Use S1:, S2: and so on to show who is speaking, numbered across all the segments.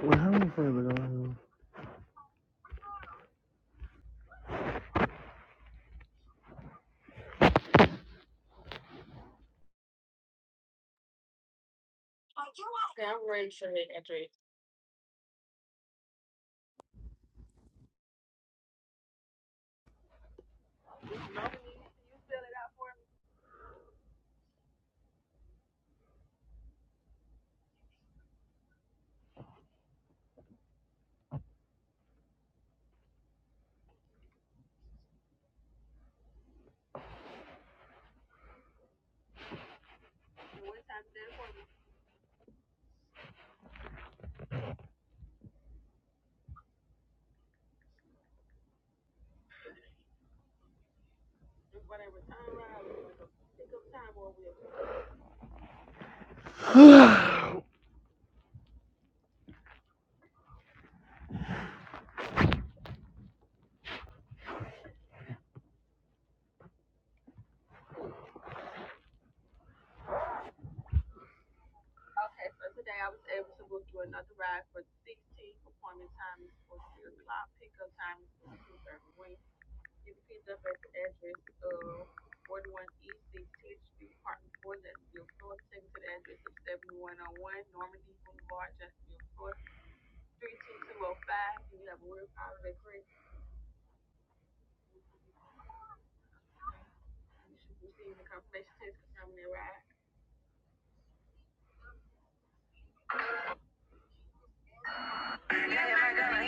S1: Well, how many friends are gonna have?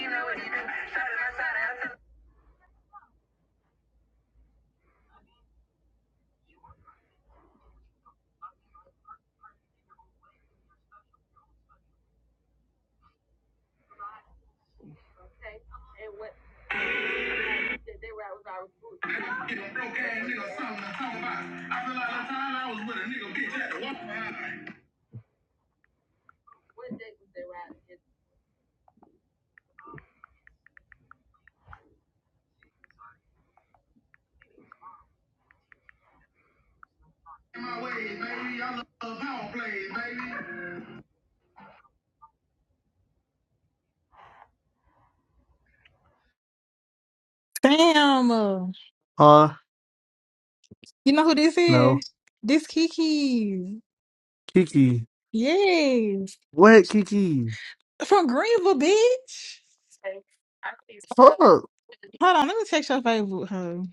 S1: You know, it's shot in my side. I get a broke ass something to talk about. I feel like the time I was with a nigga bitch had to walk behind my way, baby. I love power play, baby.
S2: Damn. uh,
S1: Huh?
S2: You know who this
S1: No.
S2: is? This Kiki.
S1: Kiki.
S2: Yes.
S1: What, Kiki?
S2: From Greenville, bitch.
S1: Fuck.
S2: Hold on, let me text your favorite hoe.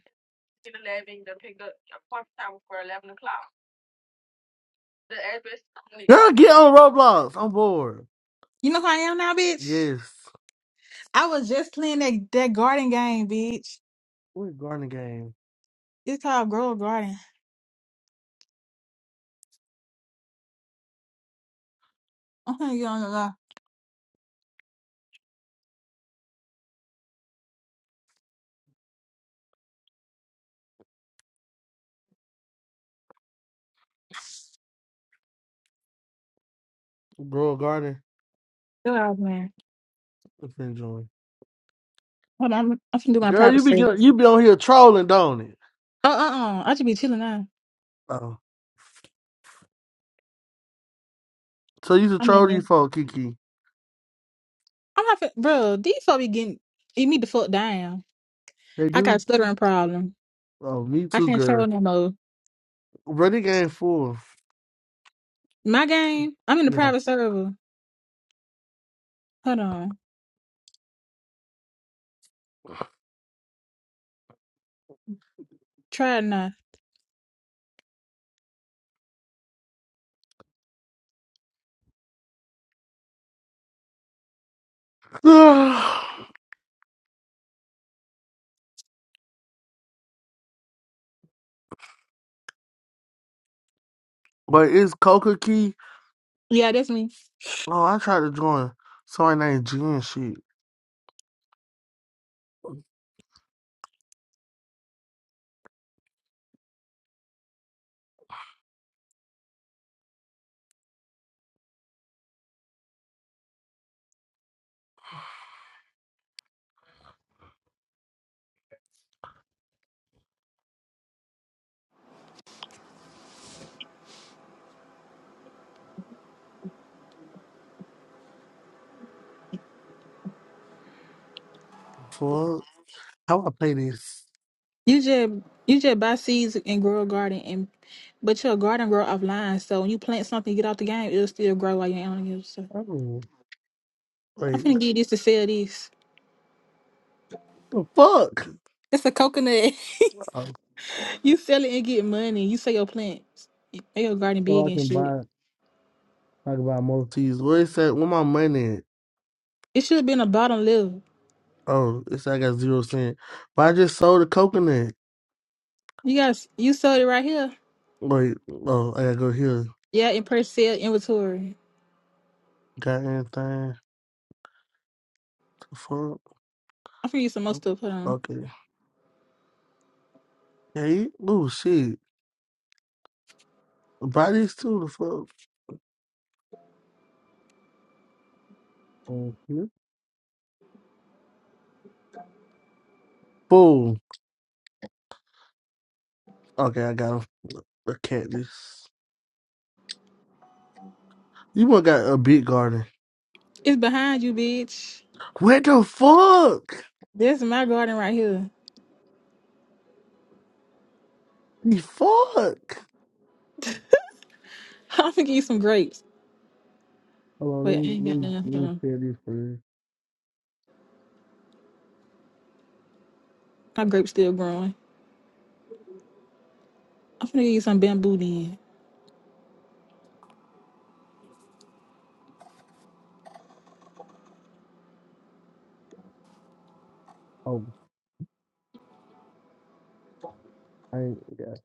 S1: Girl, get on Roblox. I'm bored.
S2: You know who I am now, bitch?
S1: Yes.
S2: I was just playing that, that garden game, bitch.
S1: What a gardening game?
S2: It's called Grow a Garden. I'm gonna get on the line.
S1: Grow a garden.
S2: Good out, man.
S1: Let's enjoy.
S2: Hold on, I'm, I'm finna do my
S1: Girl,
S2: private
S1: you be
S2: stuff.
S1: get- you be on here trolling, don't it?
S2: Uh uh uh. I should be chilling now.
S1: Oh, so you a
S2: I'm
S1: troll
S2: in there.
S1: these folk, Kiki?
S2: I'm not, fin- bro. These folk be getting, you need to fuck down.
S1: They
S2: I got a
S1: do.
S2: stuttering problem.
S1: Oh, me
S2: I
S1: too,
S2: can't
S1: girl.
S2: troll no more.
S1: Ready game four.
S2: My game, I'm in the
S1: Yeah.
S2: private server. Hold on. Try it now.
S1: but it's Coca Key.
S2: Yeah, that's me.
S1: Oh, I tried to join somebody named G and shit. Fuck. How I play this?
S2: You just you just buy seeds and grow a garden and but your garden grow offline. So when you plant something, you get out the game, it'll still grow while you're on it. So
S1: Oh,
S2: I'm
S1: wait, what
S2: finna get this to sell this.
S1: the fuck?
S2: It's a coconut.
S1: Oh,
S2: you sell it and get money. You sell your plants. You Make your garden big
S1: so I
S2: and
S1: can
S2: shit.
S1: buy, I can buy more teas. Where is that? Where my money at?
S2: It should have been a bottom level.
S1: Oh, it's I got zero cent. But I just sold a coconut.
S2: You guys you sold it right here.
S1: Wait, oh, I gotta go here.
S2: Yeah, in purchase sale inventory.
S1: Got anything? The fuck?
S2: I'm finna get some more stuff. Hold on.
S1: Okay. Hey, oh shit. Buy these too, the fuck. Mhm. Fool. Okay, I got him. A Cactus. You one got a big garden.
S2: It's behind you, bitch.
S1: What the fuck?
S2: This is my garden right here.
S1: The fuck?
S2: I'm finna get you some grapes.
S1: Hold on, let
S2: Wait, I
S1: me,
S2: ain't
S1: let
S2: got
S1: me,
S2: none. Hold
S1: let me
S2: on.
S1: share this for you.
S2: My grape's still growing. I'm finna get you some bamboo then.
S1: Oh, I ain't got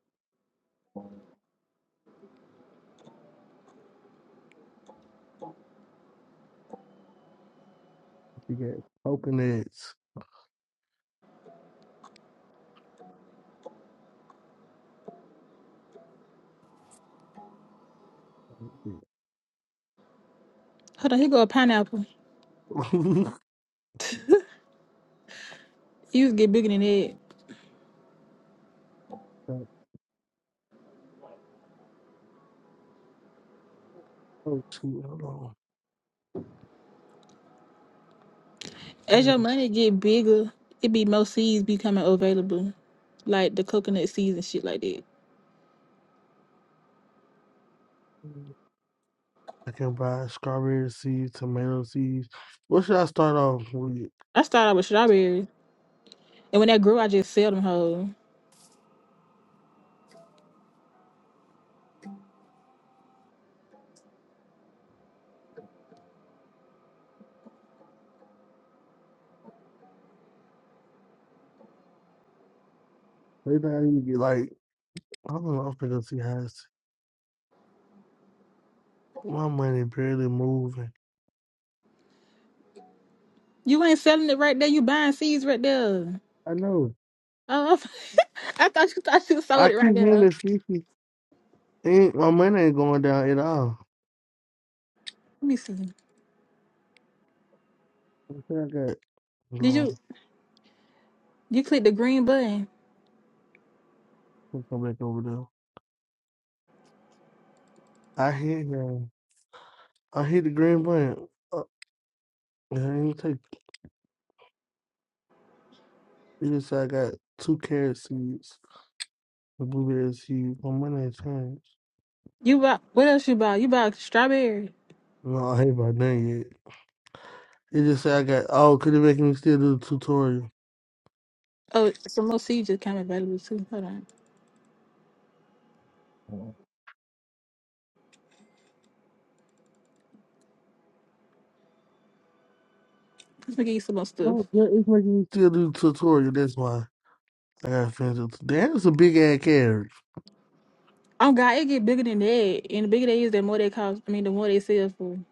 S1: you got coconuts.
S2: Hold on, here go a pineapple.
S1: oh,
S2: It used to get bigger than that.
S1: shoot, hold on.
S2: As your
S1: Damn.
S2: money get bigger, it be more seeds becoming available. Like the coconut seeds and shit like that.
S1: I can buy strawberry seeds, tomato seeds. What should I start off with?
S2: I started out with strawberries. And when that grew, I just sell them whole.
S1: Maybe I need to get like, I don't know, I'm gonna see how it's, my money barely moving.
S2: You ain't selling it right there. You buying seeds right there.
S1: I know.
S2: Oh, I thought you thought you
S1: I
S2: sold it right
S1: keep
S2: there.
S1: hearing 50 Ain't, my money ain't going down at all.
S2: Let me see.
S1: I I got
S2: Did you
S1: long.
S2: you click the green button?
S1: I'll come back over there. I hit him. I hit the green button. Uh, I didn't take this. I got two carrot seeds, the blueberry seed. My money ain't changed.
S2: You buy what else you buy? You buy strawberries.
S1: No, I ain't about done yet. It just said I got. Oh, could it make me still do the tutorial?
S2: Oh, some more seeds just came available too. Hold on. Let's get you some more stuff.
S1: Oh, yeah, it's making me still do the tutorial. That's why I got friends. Damn, it's a big ass carrot.
S2: Oh God, it get bigger than that. And the bigger they is, the more they cost. I mean, the more they sell for.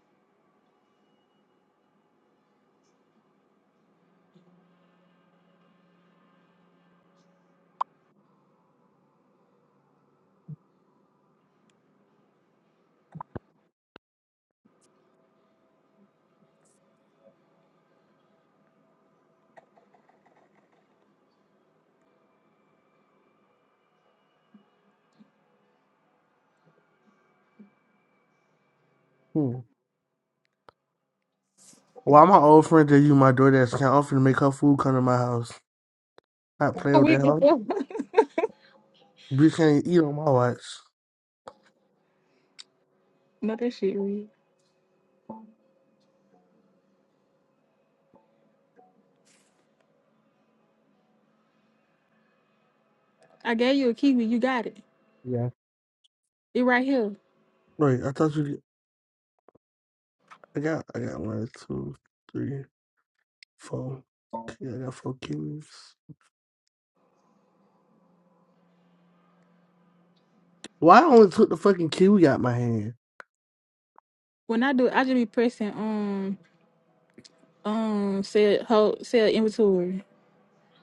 S1: Hmm. Why my old friend that you my DoorDash account offered to make her food come to my house? Not play
S2: Oh,
S1: with
S2: we
S1: that
S2: can
S1: hoe.
S2: sell.
S1: You can't eat on my watch.
S2: Not that shit, Reed. I gave you a kiwi. You got it.
S1: Yeah.
S2: It right here.
S1: Wait, I thought you. I got. I got one, two, three, four. Yeah, I got four kiwis. Why I only took the fucking kiwi out my hand?
S2: When I do, it, I just be pressing um um sell hold, sell inventory.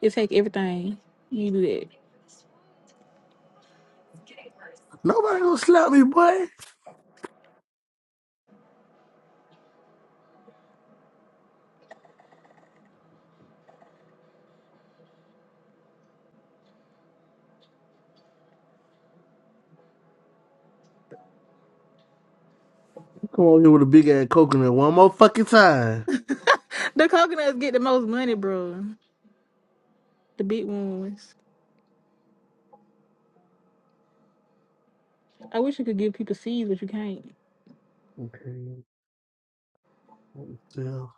S2: It take everything. You do that.
S1: Nobody gonna slap me, boy. Come on here with a big ass coconut one more fucking time.
S2: The coconuts get the most money, bro. The big ones. I wish you could give people seeds, but you can't.
S1: Okay. What the hell?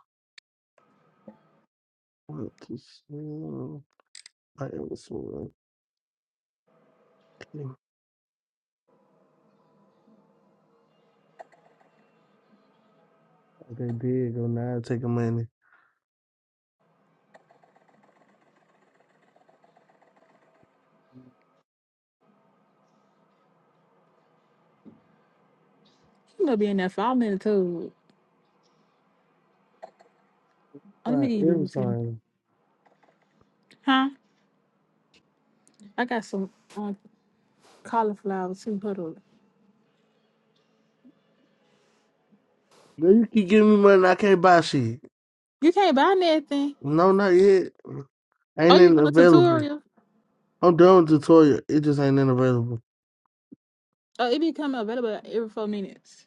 S1: What the hell? I am so okay. Okay, there you go. Now I take the money.
S2: You gonna be in there five minutes too. Oh, let me
S1: Why
S2: give you
S1: every
S2: these
S1: time?
S2: too. Huh? I got some um cauliflower too. Hold on.
S1: Girl, you keep giving me money, I can't buy shit.
S2: You can't buy nothing.
S1: No, not yet. Ain't
S2: Oh, you
S1: nothing
S2: doing a
S1: available.
S2: tutorial?
S1: I'm done with the Victoria. It just ain't nothing available.
S2: Oh, it be coming available every four minutes.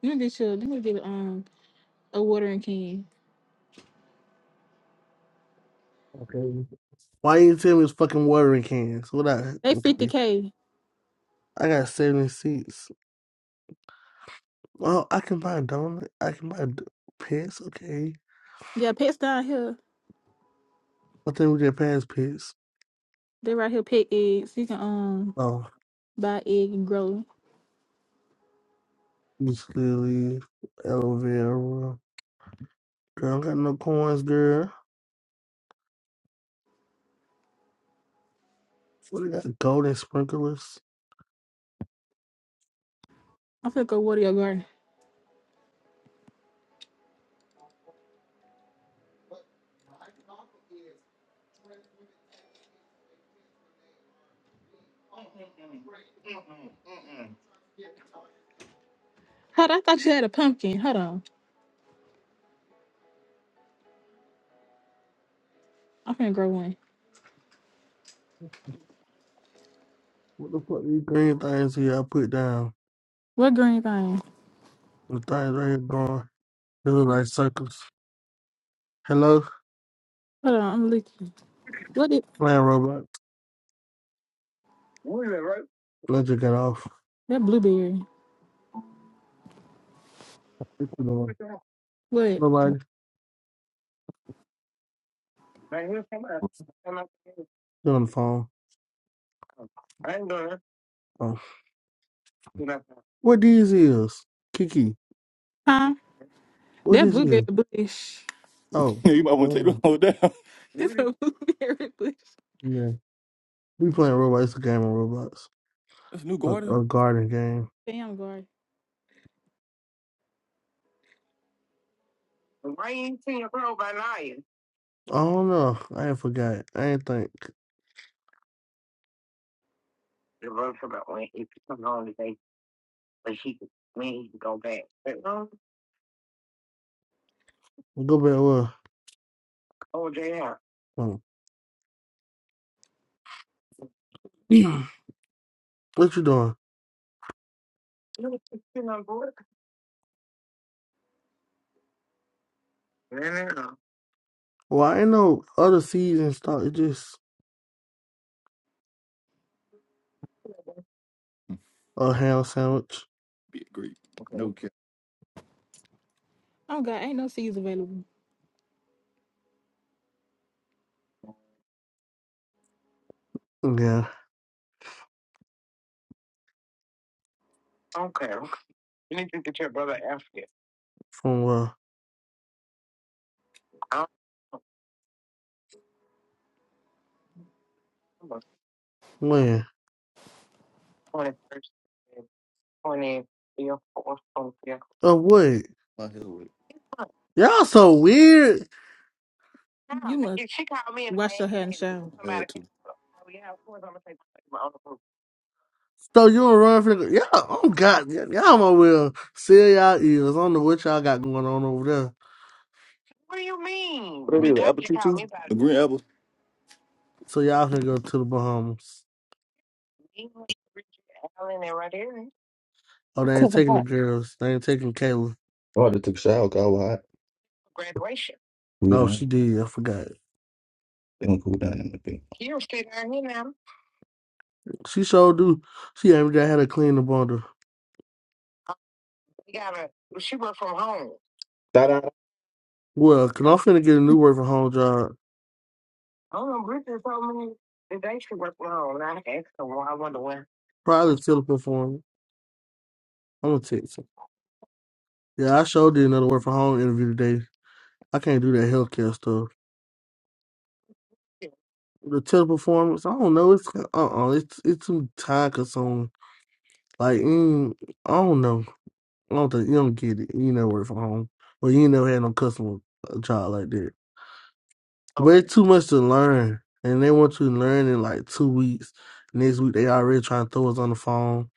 S2: You can get your, you can get um a watering can.
S1: Okay. Why you tell me it's fucking watering cans? What I
S2: They fifty
S1: okay?
S2: k.
S1: I got seventy seats. Well, I can buy a donut. I can buy d- pets. Okay.
S2: Yeah, pets down here.
S1: I think we get past pets.
S2: They right here pet eggs. You can um
S1: Oh,
S2: buy egg and grow.
S1: Miss Lily, aloe vera. Girl, I don't got no coins, girl. What do you got? Golden sprinklers.
S2: I'm finna go water your garden. Hold on, I thought you had a pumpkin. Hold on, I'm finna grow one.
S1: What the fuck? These green things here I put down.
S2: What green thing?
S1: The things right here gone. This is like circles. Hello,
S2: Hold on, I'm looking. What it,
S1: playing Roblox. Let you get off.
S2: that blueberry?
S1: What you doing?
S2: What?
S1: Nobody. You on the phone? Oh. What these is? Kiki.
S2: Huh?
S1: What
S2: That
S1: this
S2: blueberry
S1: is?
S2: bush.
S1: Oh.
S2: Yeah, you might want to take them
S1: Oh,
S2: all down. It's a blueberry bush.
S1: Yeah. We playing Roblox. It's a game of Roblox.
S2: That's New Garden.
S1: A, a garden game.
S2: Damn, guard.
S1: I don't know. I ain't forgot. I ain't think. Go back. Well. Oh. what you doing? Well, I ain't no other seeds and stuff. It's just a ham sandwich.
S2: Be a great. No cap. Oh God, ain't no seeds available.
S1: Yeah. From uh, when? Of what?
S2: My hell with it.
S1: Y'all so weird.
S2: You must wash your hair and shower. I Had to.
S1: So you and Run Flick, yeah, oh God, y- y'all my will seal y'all ears. I don't know what y'all got going on over there. What do you mean?
S2: What are they?
S1: Bitch,
S2: The
S1: I
S2: apple
S1: just
S2: tree
S1: called
S2: too?
S1: me back.
S2: The green apples.
S1: So y'all can go to the Bahamas. Oh, they ain't
S2: Cover
S1: taking the
S2: hot.
S1: girls. They ain't taking Kayla.
S2: Oh, they took a shower. Got hot. Cool
S1: No, she
S2: down.
S1: did. I forgot.
S2: They gonna cool down in the thing.
S1: She sure do. She ain't just had to clean the bundle.
S2: Da da.
S1: Well, cause I'm finna get a new work from home job. Probably still performing. I'm gonna text her. Yeah, I sure did another work from home interview today. I can't do that healthcare stuff. the teleperformance. I don't know. It's uh uh It's it's some time consuming. Like mm, I don't know. I don't think you don't get it. You know work from home, or you ain't never had no customer uh, job like that. But it's too much to learn, and they want you to learn in like two weeks. Next week they already trying to throw us on the phone.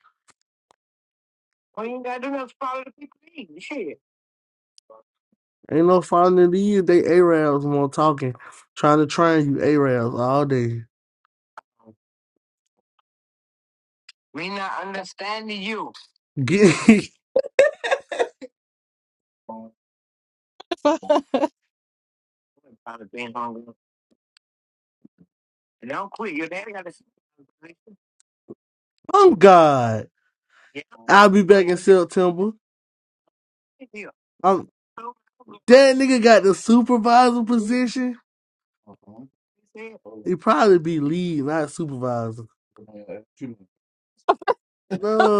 S1: Ain't no following in the year. They Arabs more talking, trying to train you Arabs all day. Get,
S2: Fuck. Uh-huh.
S1: oh God! I'll be back in September. That nigga got the supervisor position.
S2: Oh,
S1: He
S2: that's it. Oh,
S1: probably be lead, not supervisor.
S2: yeah, that's true.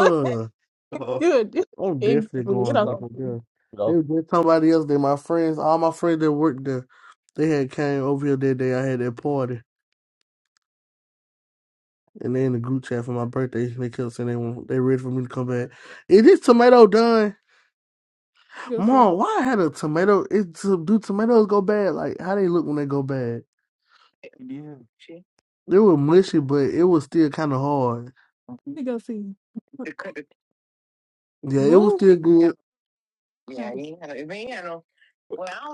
S2: Hello. You're a-
S1: I'm definitely
S2: ignorant. Get
S1: going back
S2: out.
S1: up there. They
S2: Hello.
S1: was just somebody else. They my friends. All my friends that worked there, they had came over here that day. I had that party, and they in the group chat for my birthday. They kept saying they want, they ready for me to come back. Is this tomato done,
S2: Let me go see.
S1: Mom? Why I had a tomato? It so, do tomatoes go bad? Like how they look when they go bad?
S2: Yeah.
S1: They were mushy, but it was still kind of hard.
S2: Let me go see.
S1: Yeah, it was
S2: Boo.
S1: still good.
S2: Else.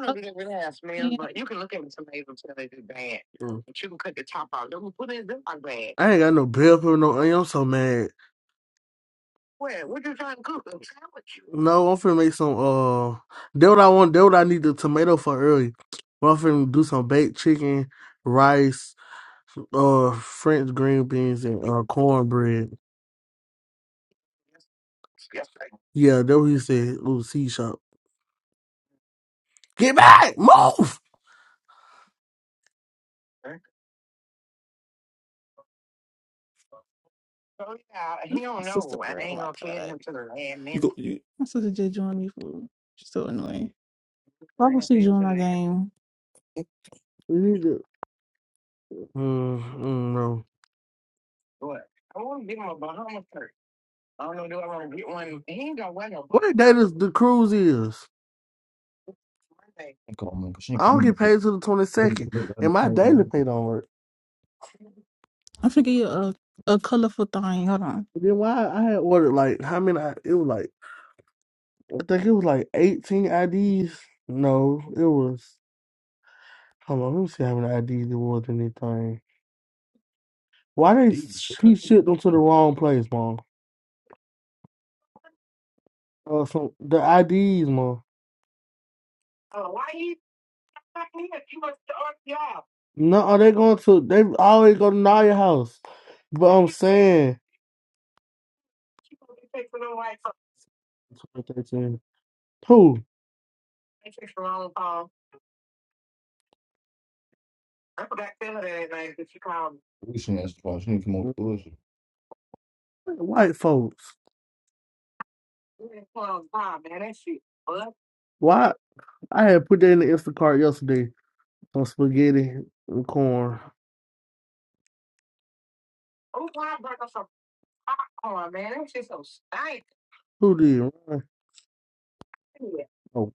S2: Oh, damn.
S1: Mm. I ain't got no bell pepper, no onion. I'm so mad. A No, I'm finna make some. Uh, that what I want. That what I need the tomato for early. But I'm finna do some baked chicken, rice, uh, French green beans, and uh, cornbread. Yeah, that what he said. Little C shop. Get back, move.
S2: My sister, girl. Oh, my God. You go. You My sister just joined me. For, she's so annoying. Why would she join my game?
S1: You need to. Mm, mm, no. What day does the cruise is?
S2: Come on, man, 'cause she ain't
S1: I don't
S2: coming.
S1: get paid till the twenty second, and my daily pay don't work.
S2: I'm finna give you a, a colorful thing. Hold on.
S1: then why I had ordered like how many? I, it was like I think it was like eighteen IDs. No, it was. Hold on, let me see how many IDs it was in this thing. Why they
S2: Deep.
S1: sh-
S2: Okay.
S1: he shipped them to the wrong place, mom? Uh, some the IDs, mom. No, are they going to? They always go to Naya house. But I'm saying, 2013. who?
S2: We seen that twice. You need to come on through us.
S1: White folks. Why? I had put that in the Instacart yesterday. some spaghetti and corn. Who did run? Oh,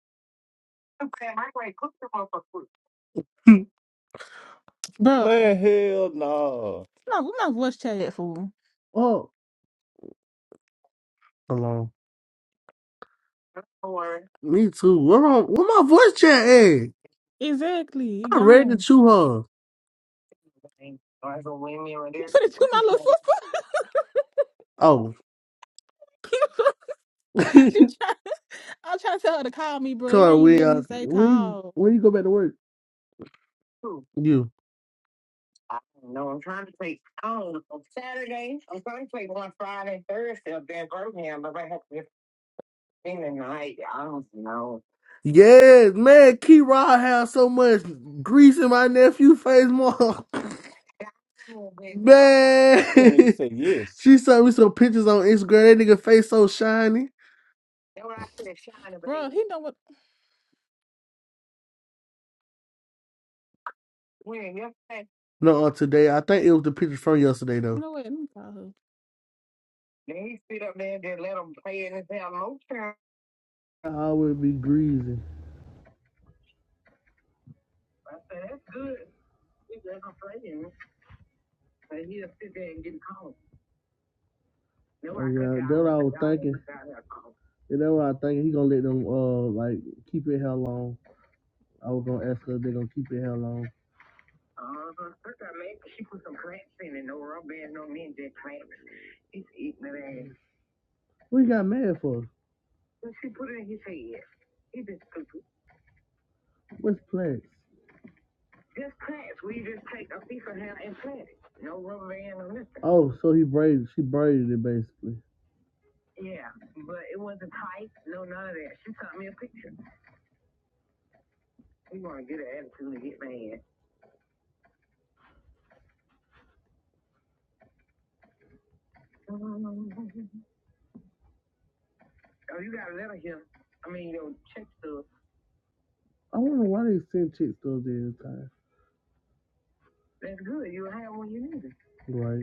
S2: Bro, Man, hell no. I'm not, I'm not voice chat that fool.
S1: fuck alone. Me too. Where, on, where my voice chat at?
S2: Exactly. He
S1: I ready to
S2: gone.
S1: chew her.
S2: You finna do my little
S1: Oh,
S2: sister.
S1: come
S2: she try. I'm trying to tell her to call me, bro. It ain't
S1: on,
S2: even
S1: we
S2: let me
S1: uh,
S2: say
S1: when you,
S2: call.
S1: when you go back to work? You. Yes, man. Key Rod has so much grease in my nephew face, more. Man,
S2: I want to say yes.
S1: she sent me some pictures on Instagram. That nigga face so shiny.
S2: Bro, he know what
S1: No, uh, today I think it was the pictures from yesterday
S2: you
S1: though.
S2: know what? Let me call her.
S1: I always be greasy. And uh, that's what I was thinking. what I think. He gonna let them uh like keep it how long. I was gonna ask her if they gonna keep it how long. What he got mad for? What's plans? Oh, so he braided she braided it basically. I wonder why they send chicks those every time. Right.